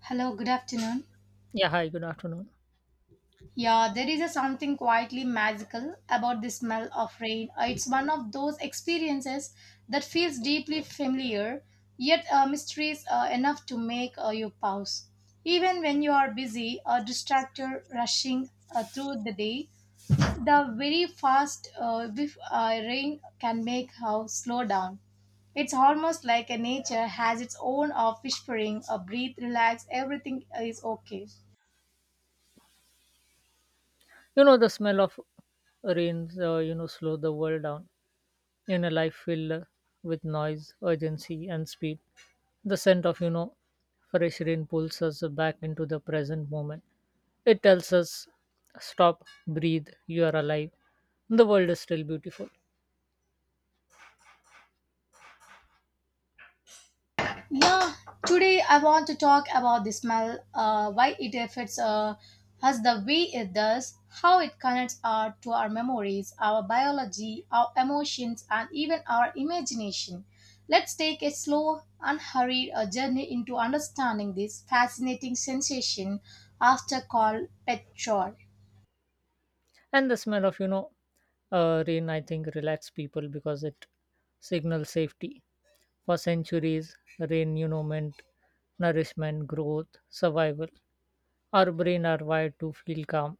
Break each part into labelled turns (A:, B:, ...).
A: Hello, good afternoon.
B: Yeah, hi, good afternoon.
A: Yeah, there is a something quietly magical about the smell of rain. It's one of those experiences that feels deeply familiar, yet mysteries enough to make you pause. Even when you are busy or distracted, rushing through the day, the very fast whiff, rain can make us slow down. It's almost like a nature has its own of whispering, a breathe, relax, everything is okay.
B: The smell of rains, slow the world down in a life filled with noise, urgency, and speed. The scent of, fresh rain pulls us back into the present moment. It tells us, stop, breathe, you are alive. The world is still beautiful.
A: Yeah, today I want to talk about the smell, why it affects us the way it does, how it connects to our memories, our biology, our emotions, and even our imagination. Let's take a slow, unhurried journey into understanding this fascinating sensation after called pet chore.
B: And the smell of rain, I think, relax people because it signals safety. For centuries rain meant nourishment, growth, survival. Our brain are wired to feel calm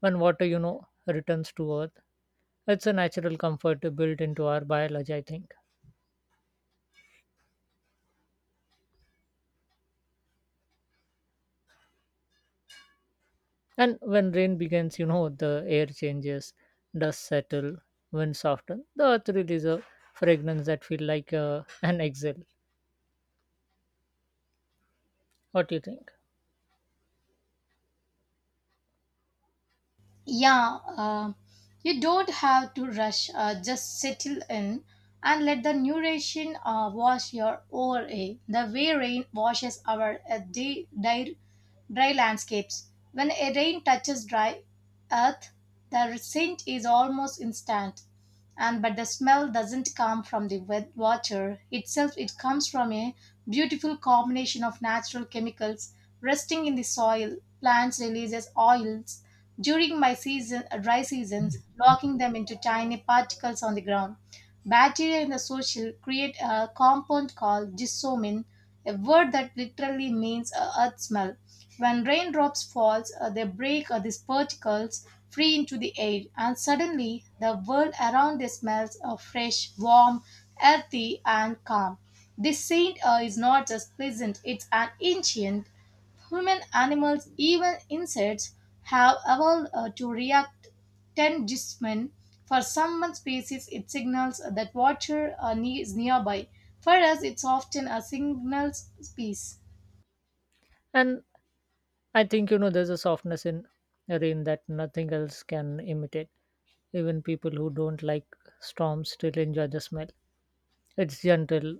B: when water returns to earth. It's a natural comfort built into our biology, I think. And when rain begins, the air changes, dust settle, wind soften, the earth releases a fragrance that feel like an exhale. What do you think?
A: Yeah, you don't have to rush. Just settle in and let the narration wash your over a the way rain washes our day, dry landscapes. When a rain touches dry earth, the scent is almost instant, and but the smell doesn't come from the wet water itself. It comes from a beautiful combination of natural chemicals resting in the soil. Plants releases oils during my season, dry seasons, locking them into tiny particles on the ground. Bacteria in the soil create a compound called gypsum, a word that literally means earth smell. When raindrops falls, they break these particles free into the air, and suddenly the world around them smells of fresh, warm, earthy, and calm. This scent is not just pleasant; it's an ancient, Human animals, even insects, have evolved to react tangentially. For some species, it signals that water is nearby. For us, it's often a signal piece.
B: And I think there's a softness in rain that nothing else can imitate. Even people who don't like storms still enjoy the smell. It's gentle,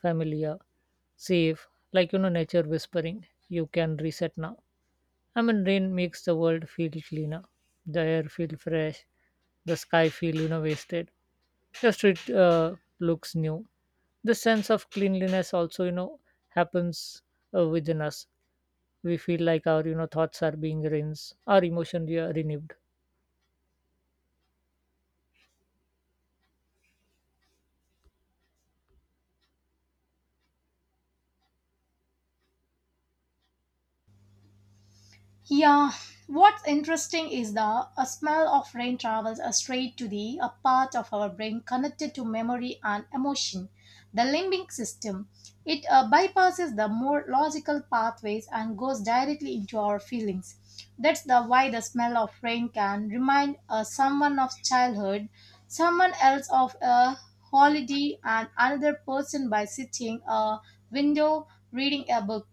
B: familiar, safe, like nature whispering, you can reset now. I mean, rain makes the world feel cleaner, the air feel fresh, the sky feel wasted. The street looks new. The sense of cleanliness also happens within us. We feel like our thoughts are being rinsed, our emotion renewed.
A: Yeah, what's interesting is the a smell of rain travels straight to the a part of our brain connected to memory and emotion, the limbic system. It bypasses the more logical pathways and goes directly into our feelings. That's the why the smell of rain can remind someone of childhood, someone else of a holiday, and another person by sitting a window reading a book.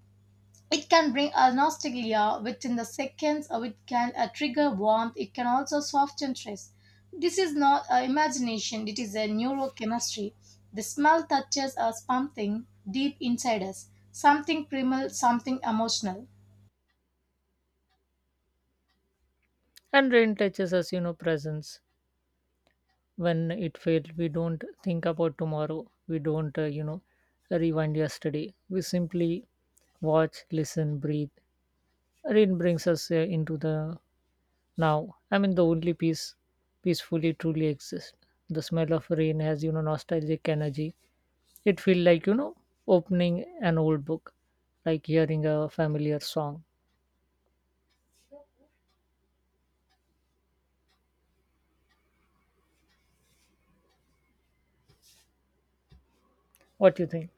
A: It can bring a nostalgia within the seconds, or it can trigger warmth, it can also soften stress. This is not imagination, it is a neurochemistry. The smell touches us something deep inside us, something primal, something emotional.
B: And rain touches us, presence. When it failed, we don't think about tomorrow. We don't rewind yesterday. We simply watch, listen, breathe. Rain brings us into the now. I mean, the only peace peacefully truly exists. The smell of rain has nostalgic energy. It feels like opening an old book, like hearing a familiar song. What do you think?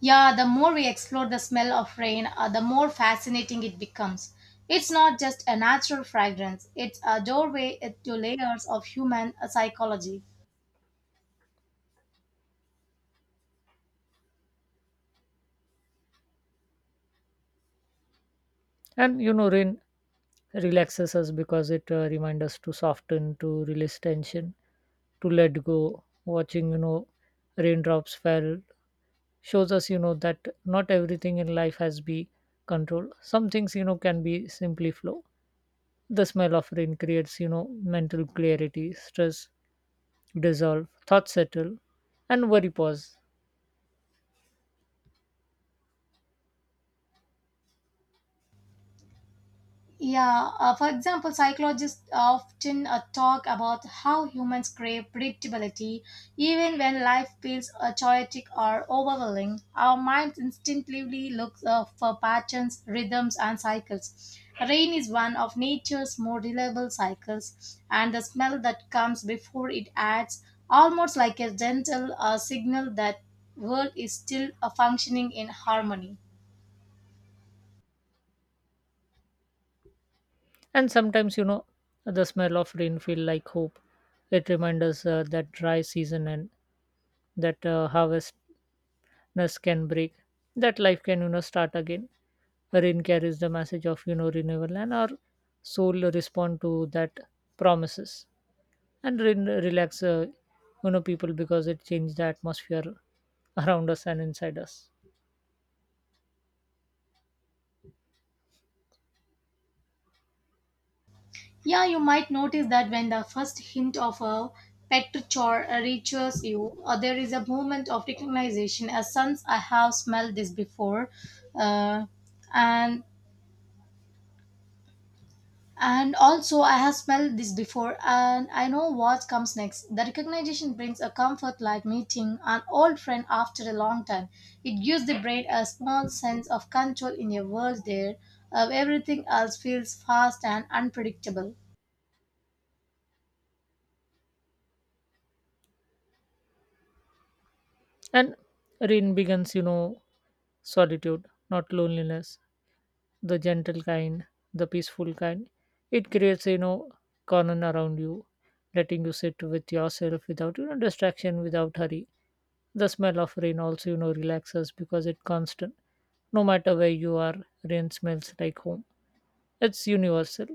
A: Yeah, the more we explore the smell of rain, the more fascinating it becomes. It's not just a natural fragrance, it's a doorway to layers of human psychology.
B: And rain relaxes us because it reminds us to soften, to release tension, to let go. Watching raindrops fell shows us that not everything in life has be controlled. Some things can be simply flow. The smell of rain creates mental clarity, stress dissolve, thoughts settle, and worry pause.
A: Yeah, for example, psychologists often talk about how humans crave predictability. Even when life feels chaotic or overwhelming, our minds instinctively look for patterns, rhythms, and cycles. Rain is one of nature's more reliable cycles, and the smell that comes before it acts almost like a gentle signal that world is still functioning in harmony.
B: And sometimes the smell of rain feel like hope. It reminds us that dry season and that harvestness can break, that life can start again. Rain carries the message of renewal, and our soul respond to that promises. And rain relax people because it changes the atmosphere around us and inside us.
A: Yeah, you might notice that when the first hint of a pet chore reaches you, there is a moment of recognition. As since I have smelled this before, uh, and and also I have smelled this before, and I know what comes next. The recognition brings a comfort like meeting an old friend after a long time. It gives the brain a small sense of control in a world there, everything else feels fast and unpredictable.
B: And rain begins, solitude, not loneliness, the gentle kind, the peaceful kind. It creates, cordon around you, letting you sit with yourself without, distraction, without hurry. The smell of rain also, relaxes because it's constant. No matter where you are, rain smells like home. It's universal.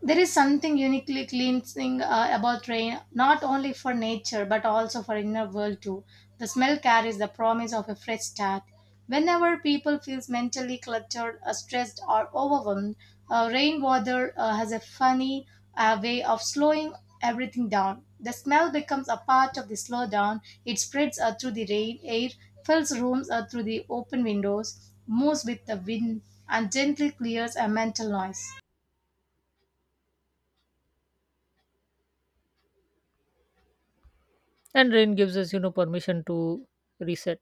A: There is something uniquely cleansing about rain, not only for nature but also for inner world too. The smell carries the promise of a fresh start. Whenever people feels mentally cluttered, stressed, or overwhelmed, rain water has a funny way of slowing everything down. The smell becomes a part of the slowdown. It spreads through the rain air, fills rooms through the open windows, moves with the wind, and gently clears a mental noise.
B: And rain gives us, permission to reset,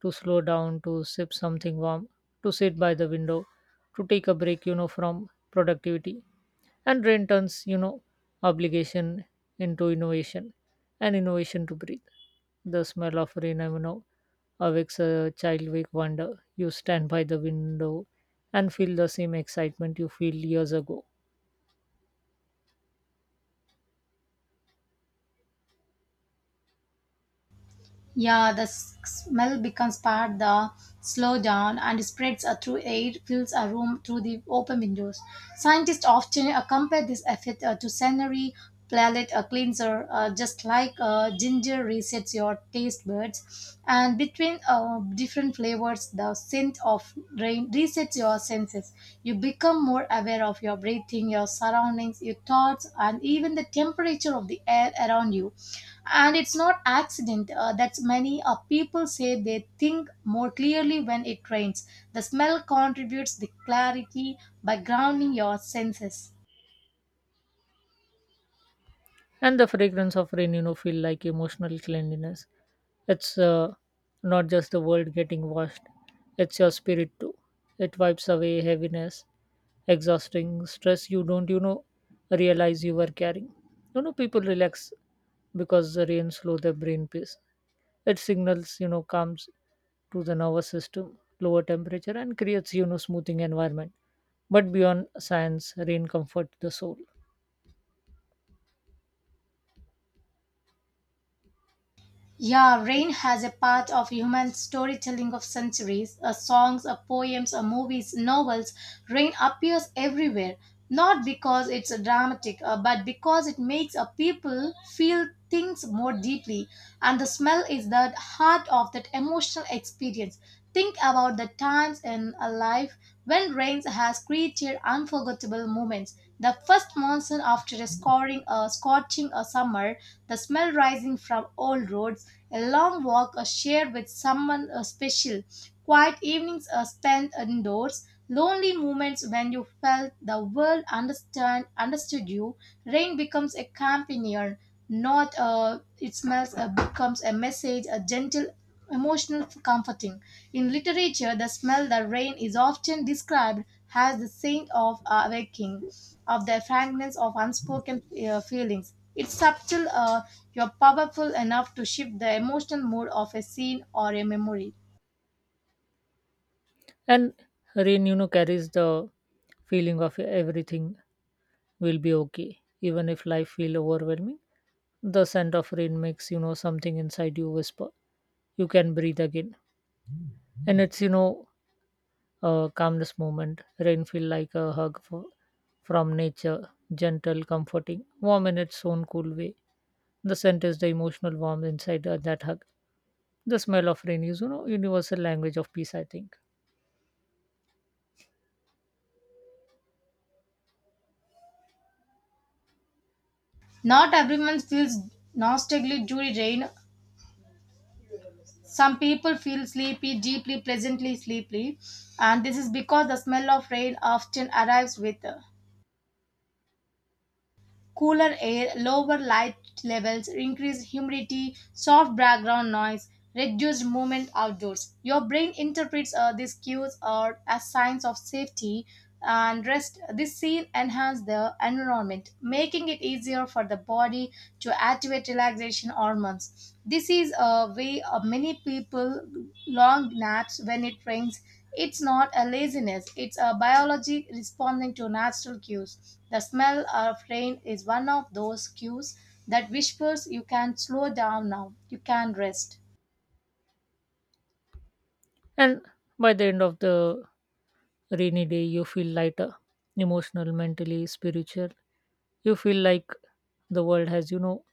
B: to slow down, to sip something warm, to sit by the window, to take a break, from productivity. And rain turns obligation into innovation, and innovation to breathe. The smell of rain awakes a childlike wonder. You stand by the window and feel the same excitement you feel years ago.
A: Yeah, the smell becomes part the slow down and spreads through air, fills a room through the open windows. Scientists often compare this effect to sensory palate cleanser, just like ginger resets your taste buds. And between different flavors, the scent of brain resets your senses. You become more aware of your breathing, your surroundings, your thoughts, and even the temperature of the air around you. And it's not accident that many people say they think more clearly when it rains. The smell contributes the clarity by grounding your senses.
B: And the fragrance of rain feel like emotional cleanliness. It's not just the world getting washed, it's your spirit too. It wipes away heaviness, exhausting stress you don't realize you were carrying. People relax because the rain slow the brain pace. It signals comes to the nervous system, lower temperature, and creates smoothing environment. But beyond science, rain comfort the soul.
A: Yeah, rain has a part of human storytelling of centuries. Songs, poems, movies, novels. Rain appears everywhere, not because it's dramatic, but because it makes a people feel things more deeply. And the smell is the heart of that emotional experience. Think about the times in a life when rain has created unforgettable moments. The first monsoon after a scoring, scorching a summer, the smell rising from old roads a long walk or share with someone special quiet evenings spent indoors, lonely moments when you felt the world understand understood you. Rain becomes a companion, not it smells becomes a message, a gentle emotional comforting. In literature, the smell the rain is often described as the scent of awaking, of the fragrance of unspoken feelings. It's subtle, you're powerful enough to shift the emotional mood of a scene or a memory.
B: And rain carries the feeling of everything will be okay, even if life feel overwhelming. The scent of rain makes something inside you whisper, you can breathe again. And it's calmness moment. Rain feel like a hug from nature, gentle, comforting, warm in its own cool way. The scent is the emotional warmth inside that hug. The smell of rain is, universal language of peace, I think.
A: Not everyone feels nostalgic during rain. Some people feel sleepy, deeply, pleasantly sleepy, and this is because the smell of rain often arrives with cooler air, lower light levels, increased humidity, soft background noise, reduced movement outdoors. Your brain interprets these cues as signs of safety and rest. This scene enhances the environment, making it easier for the body to activate relaxation hormones. This is a way of many people long naps when it rains it's not a laziness, it's a biology responding to natural cues. The smell of rain is one of those cues that whispers you can slow down now, you can rest.
B: And by the end of the rainy day, you feel lighter, emotional, mentally, spiritual. You feel like the world has,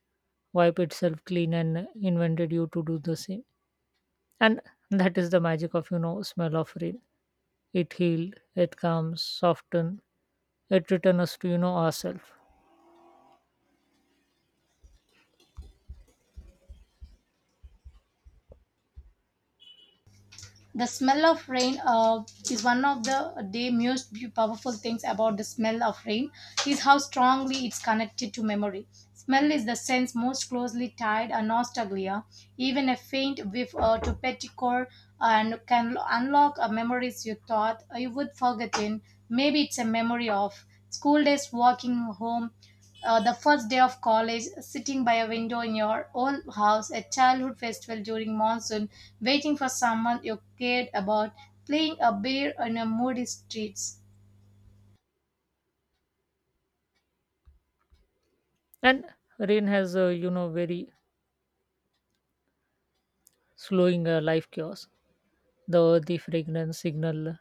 B: wiped itself clean and invented you to do the same. And that is the magic of, smell of rain. It healed, it calms, soften, it return us to ourselves.
A: The smell of rain is one of the day most powerful things about the smell of rain is how strongly it's connected to memory. Smell is the sense most closely tied to nostalgia. Even a faint whiff to petticore and can unlock a memories you thought you would forgotten. Maybe it's a memory of school days, walking home the first day of college, sitting by a window in your own house, a childhood festival during monsoon, waiting for someone you cared about, playing a beer on a moody streets.
B: And rain has a very slowing life chaos. The earthy fragrance signal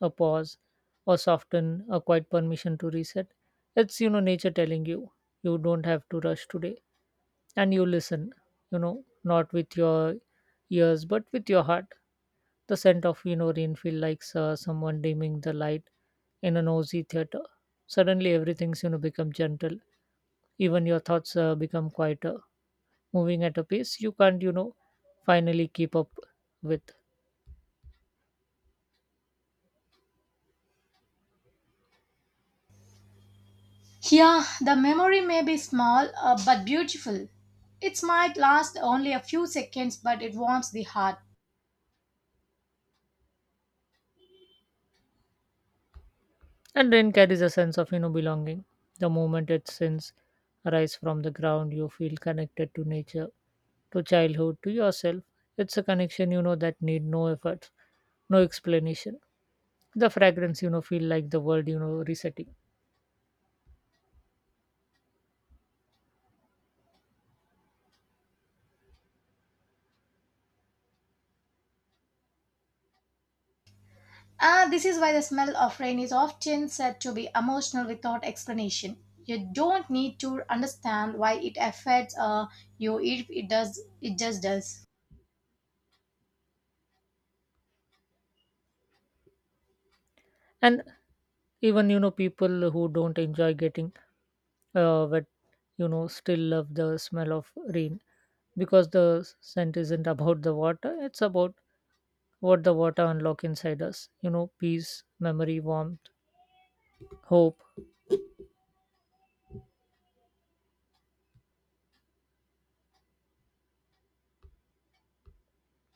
B: a pause, or soften a quiet permission to reset. It's nature telling you, you don't have to rush today. And you listen, not with your ears but with your heart. The scent of rain feel like someone dimming the light in a noisy theater. Suddenly everything's become gentle, even your thoughts become quieter, moving at a pace you can't finally keep up with.
A: Yeah, the memory may be small but beautiful. It might last only a few seconds, but it warms the heart.
B: And rain carries a sense of belonging. The moment its sins arise from the ground, you feel connected to nature, to childhood, to yourself. It's a connection that need no effort, no explanation. The fragrance feel like the world resetting.
A: Ah, this is why the smell of rain is often said to be emotional without explanation. You don't need to understand why it affects you. It does. It just does.
B: And even people who don't enjoy getting wet, still love the smell of rain because the scent isn't about the water. It's about what the water unlock inside us. Peace, memory, warmth, hope.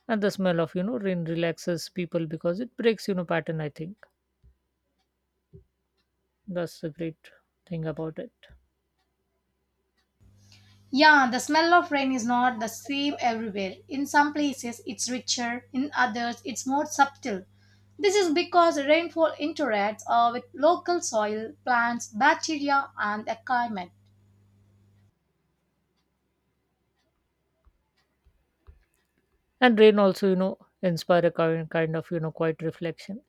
B: And the smell of rain relaxes people because it breaks pattern, I think. That's the great thing about it.
A: Yeah, the smell of rain is not the same everywhere. In some places, it's richer, in others, it's more subtle. This is because rainfall interacts with local soil, plants, bacteria, and the climate.
B: And rain also, inspire a kind of, quiet reflection.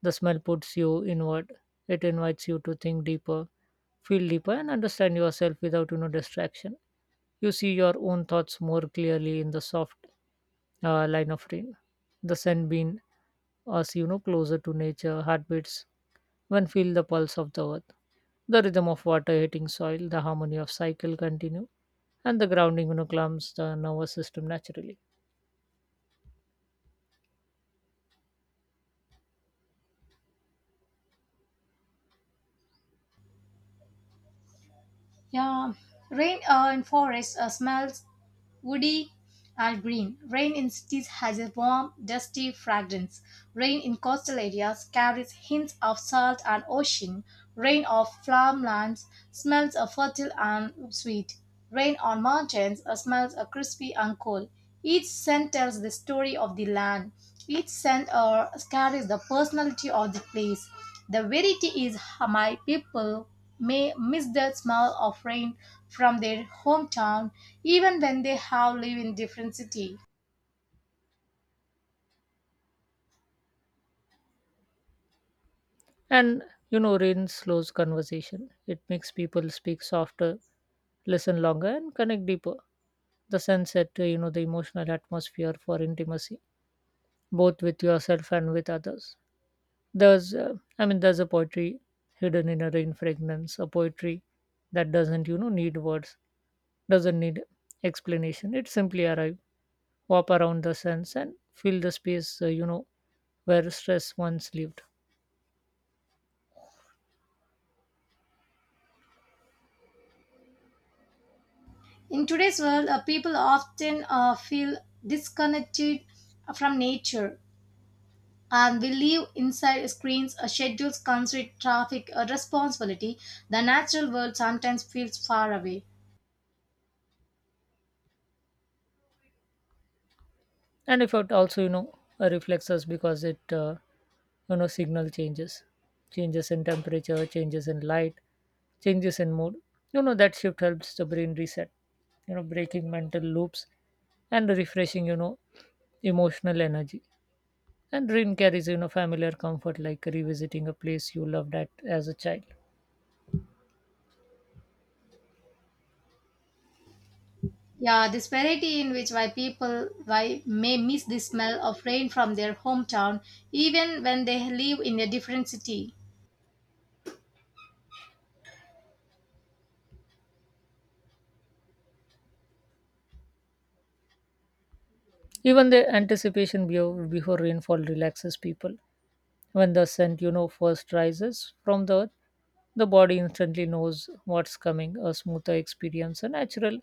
B: The smell puts you inward. It invites you to think deeper, feel deeper, and understand yourself without, distraction. You see your own thoughts more clearly in the soft line of rain. The sun being us, closer to nature, heartbeats, when feel the pulse of the earth. The rhythm of water hitting soil, the harmony of cycle continue, and the grounding, calms the nervous system naturally.
A: Yeah, rain in forests smells woody and green. Rain in cities has a warm, dusty fragrance. Rain in coastal areas carries hints of salt and ocean. Rain of farmlands smells of fertile and sweet. Rain on mountains smells of crispy and cold. Each scent tells the story of the land. Each scent carries the personality of the place. The variety is my people may miss the smell of rain from their hometown even when they have live in different city
B: And rain slows conversation. It makes people speak softer, listen longer, and connect deeper. The sunset, the emotional atmosphere for intimacy, both with yourself and with others. I mean, there's a poetry hidden in a rain fragrance, a poetry that doesn't, need words, doesn't need explanation. It simply arrive, walk around the sense, and feel the space, where stress once lived.
A: in today's world people often feel disconnected from nature, and we live inside screens schedules constraint traffic responsibility the natural world sometimes feels far away.
B: And if it also reflects us because it signal changes, changes in temperature, changes in light, changes in mood. That shift helps the brain reset, breaking mental loops and refreshing emotional energy. And dream carries familiar comfort, like revisiting a place you loved at as a child.
A: Yeah, this variety in which why people why may miss the smell of rain from their hometown even when they live in a different city.
B: Even the anticipation before rainfall relaxes people. When the scent, first rises from the earth, the body instantly knows what's coming, a smoother experience, a natural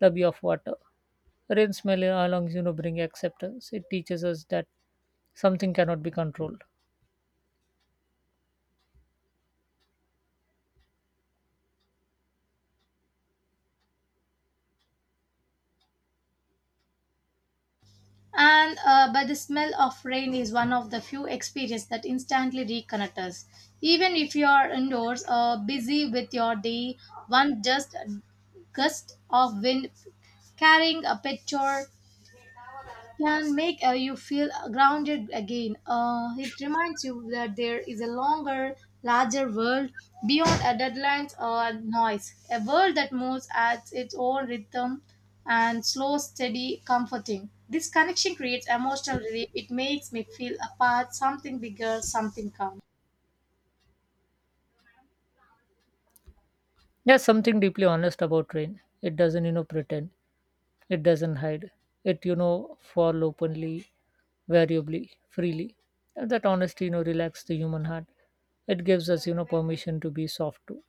B: lobby of water. Rain smell along, bring acceptance. It teaches us that something cannot be controlled.
A: And but the smell of rain is one of the few experiences that instantly reconnect us even if you are indoors busy with your day one just gust of wind carrying a picture can make you feel grounded again. It reminds you that there is a longer, larger world beyond our deadlines or noise, a world that moves at its own rhythm and slow, steady, comforting. This connection creates emotional relief. It makes me feel a part, something bigger, something calm.
B: There's something deeply honest about rain. It doesn't, pretend. It doesn't hide. It, fall openly, variably, freely. And that honesty, relaxes the human heart. It gives us, permission to be soft too.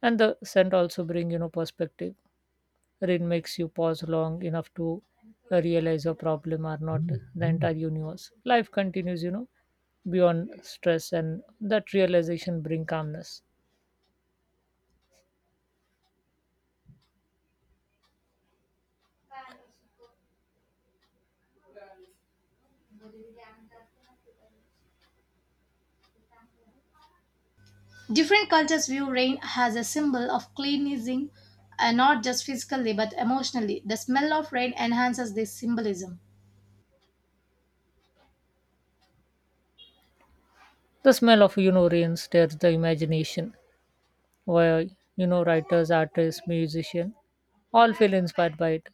B: And the scent also bring perspective. Rain makes you pause long enough to realize your problem are not the entire universe, life continues beyond stress, and that realization bring calmness.
A: Different cultures view rain as a symbol of cleansing, and not just physically but emotionally. The smell of rain enhances this symbolism.
B: The smell of rain stirs the imagination, where writers, artists, musicians all feel inspired by it.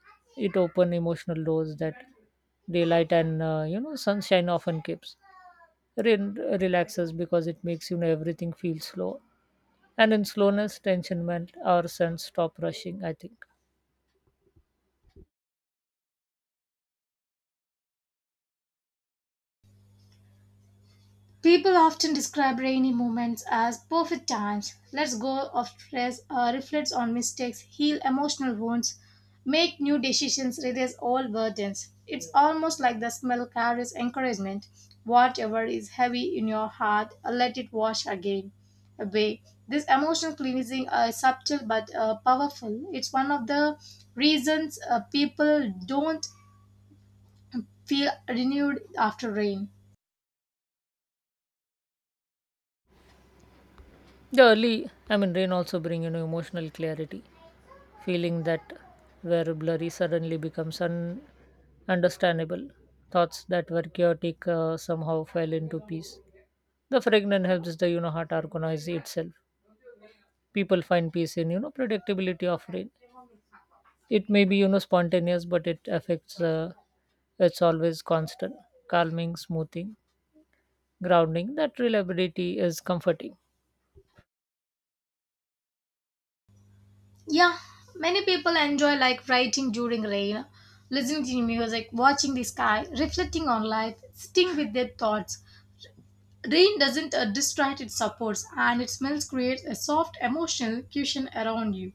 B: It open emotional doors that daylight and sunshine often keeps. Rain relaxes because it makes everything feel slow. And in slowness, tension meant our sense stop rushing, I think.
A: People often describe rainy moments as perfect times. Let's go of stress, reflects on mistakes, heal emotional wounds, make new decisions, release all burdens. It's almost like the smell carries encouragement. Whatever is heavy in your heart, let it wash again away. This emotional cleansing is subtle but powerful. It's one of the reasons people don't feel renewed after rain.
B: The early, I mean, rain also bring, emotional clarity, feeling that were blurry suddenly becomes understandable. Thoughts that were chaotic somehow fell into peace. The fragrance helps the, heart organize itself. People find peace in, predictability of rain. It may be, spontaneous, but it affects, it's always constant, calming, smoothing, grounding. That reliability is comforting.
A: Yeah, many people enjoy like writing during rain, listening to music, watching the sky, reflecting on life, sitting with their thoughts. Rain doesn't distract, it supports, and its smells creates a soft emotional cushion around you.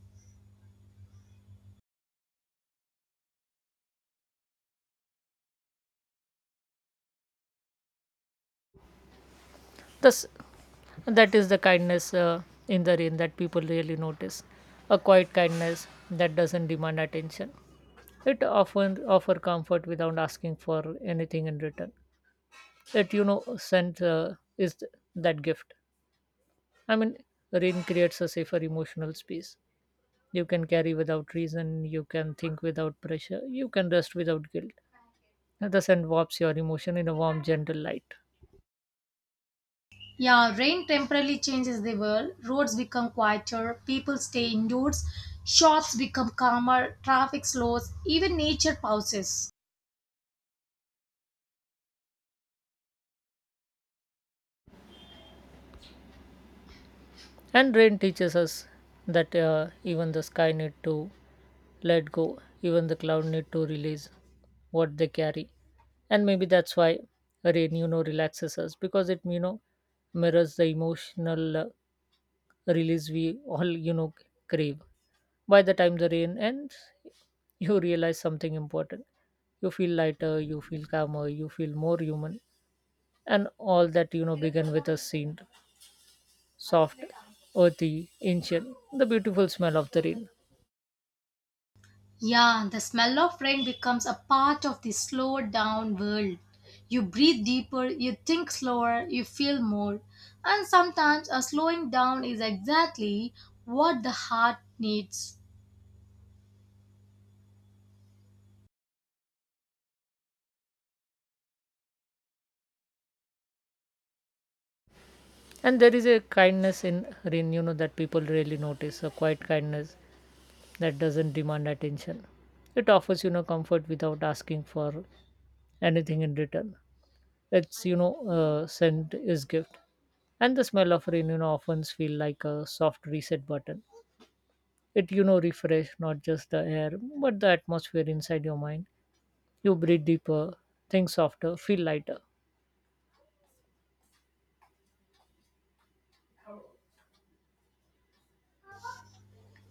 B: Thus, that is the kindness in the rain that people really notice. A quiet kindness that doesn't demand attention. It often offer comfort without asking for anything in return. It sent is that gift. I mean, rain creates a safer emotional space. You can carry without reason. You can think without pressure. You can rest without guilt. The sun warps your emotion in a warm, gentle light.
A: Yeah, rain temporarily changes the world. Roads become quieter, people stay indoors, shops become calmer, traffic slows, even nature pauses.
B: And rain teaches us that even the sky need to let go, even the cloud need to release what they carry. And maybe that's why rain, relaxes us because it, mirrors the emotional release we all, crave. By the time the rain ends, you realize something important. You feel lighter, you feel calmer, you feel more human, and all that, began with a scene, soft, earthy, ancient, the beautiful smell of the rain.
A: Yeah, the smell of rain becomes a part of the slow down world. You breathe deeper, you think slower, you feel more. And sometimes a slowing down is exactly what the heart needs.
B: And there is a kindness in rain, that people really notice, a quiet kindness that doesn't demand attention. It offers, comfort without asking for anything in return. It's, scent is gift. And the smell of rain, often feel like a soft reset button. It, refresh not just the air, but the atmosphere inside your mind. You breathe deeper, think softer, feel lighter.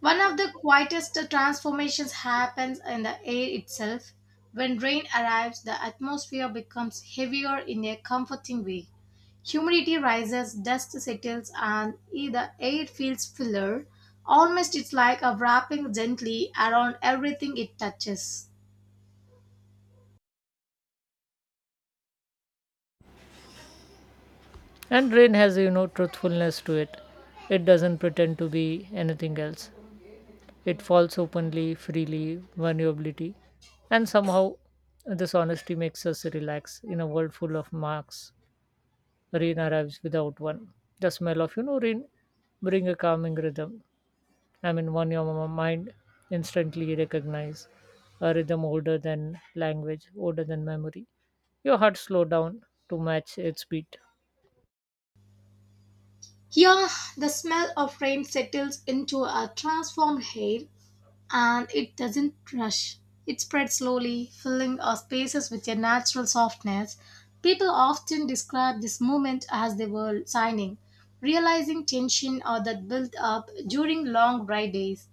A: One of the quietest transformations happens in the air itself. When rain arrives, the atmosphere becomes heavier in a comforting way. Humidity rises, dust settles, and the air feels fuller. Almost it's like a wrapping gently around everything it touches.
B: And rain has, truthfulness to it. It doesn't pretend to be anything else. It falls openly, freely, vulnerability. And somehow, this honesty makes us relax. In a world full of marks, rain arrives without one. The smell of, rain bring a calming rhythm. I mean, one your mind instantly recognize a rhythm older than language, older than memory. Your heart slow down to match its beat.
A: Here, the smell of rain settles into a transformed air, and it doesn't rush. It spreads slowly, filling our spaces with a natural softness. People often describe this movement as the world signing, realizing tension or that built up during long dry days.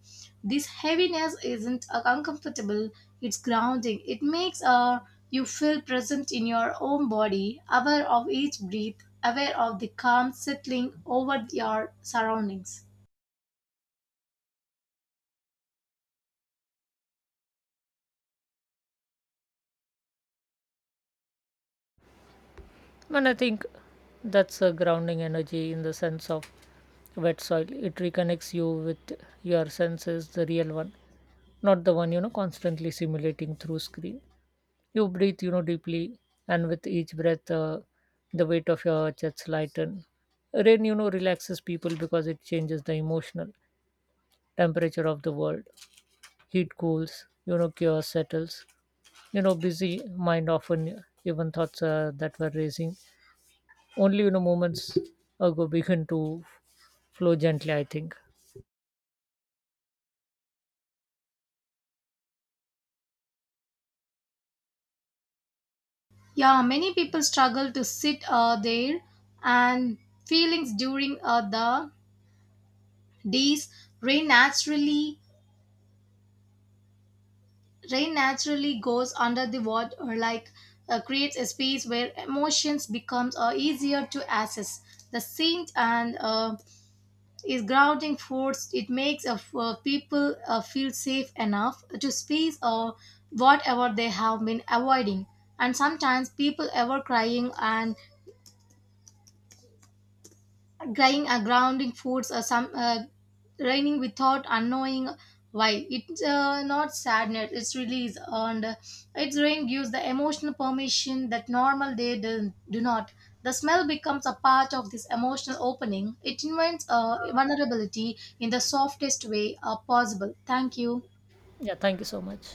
A: This heaviness isn't uncomfortable, it's grounding. It makes you feel present in your own body, aware of each breath, aware of the calm settling over your surroundings.
B: And I think that's a grounding energy in the sense of wet soil. It reconnects you with your senses, the real one, not the one, constantly simulating through screen. You breathe, deeply, and with each breath, the weight of your chest lighten. Rain, relaxes people because it changes the emotional temperature of the world. Heat cools, chaos settles. Busy mind often, even thoughts that were racing, only, moments ago begin to flow gently, I think.
A: Yeah, many people struggle to sit there, and feelings during the days rain naturally rain naturally goes under the water, or like creates a space where emotions becomes easier to access. The scent and is grounding force. It makes people feel safe enough to space whatever they have been avoiding. And sometimes people ever crying and crying or grounding foods or some raining without unknowing why. It's not sadness, it's release. And its rain gives the emotional permission that normal day do not. The smell becomes a part of this emotional opening. It invites vulnerability in the softest way possible. Thank you.
B: Yeah, thank you so much.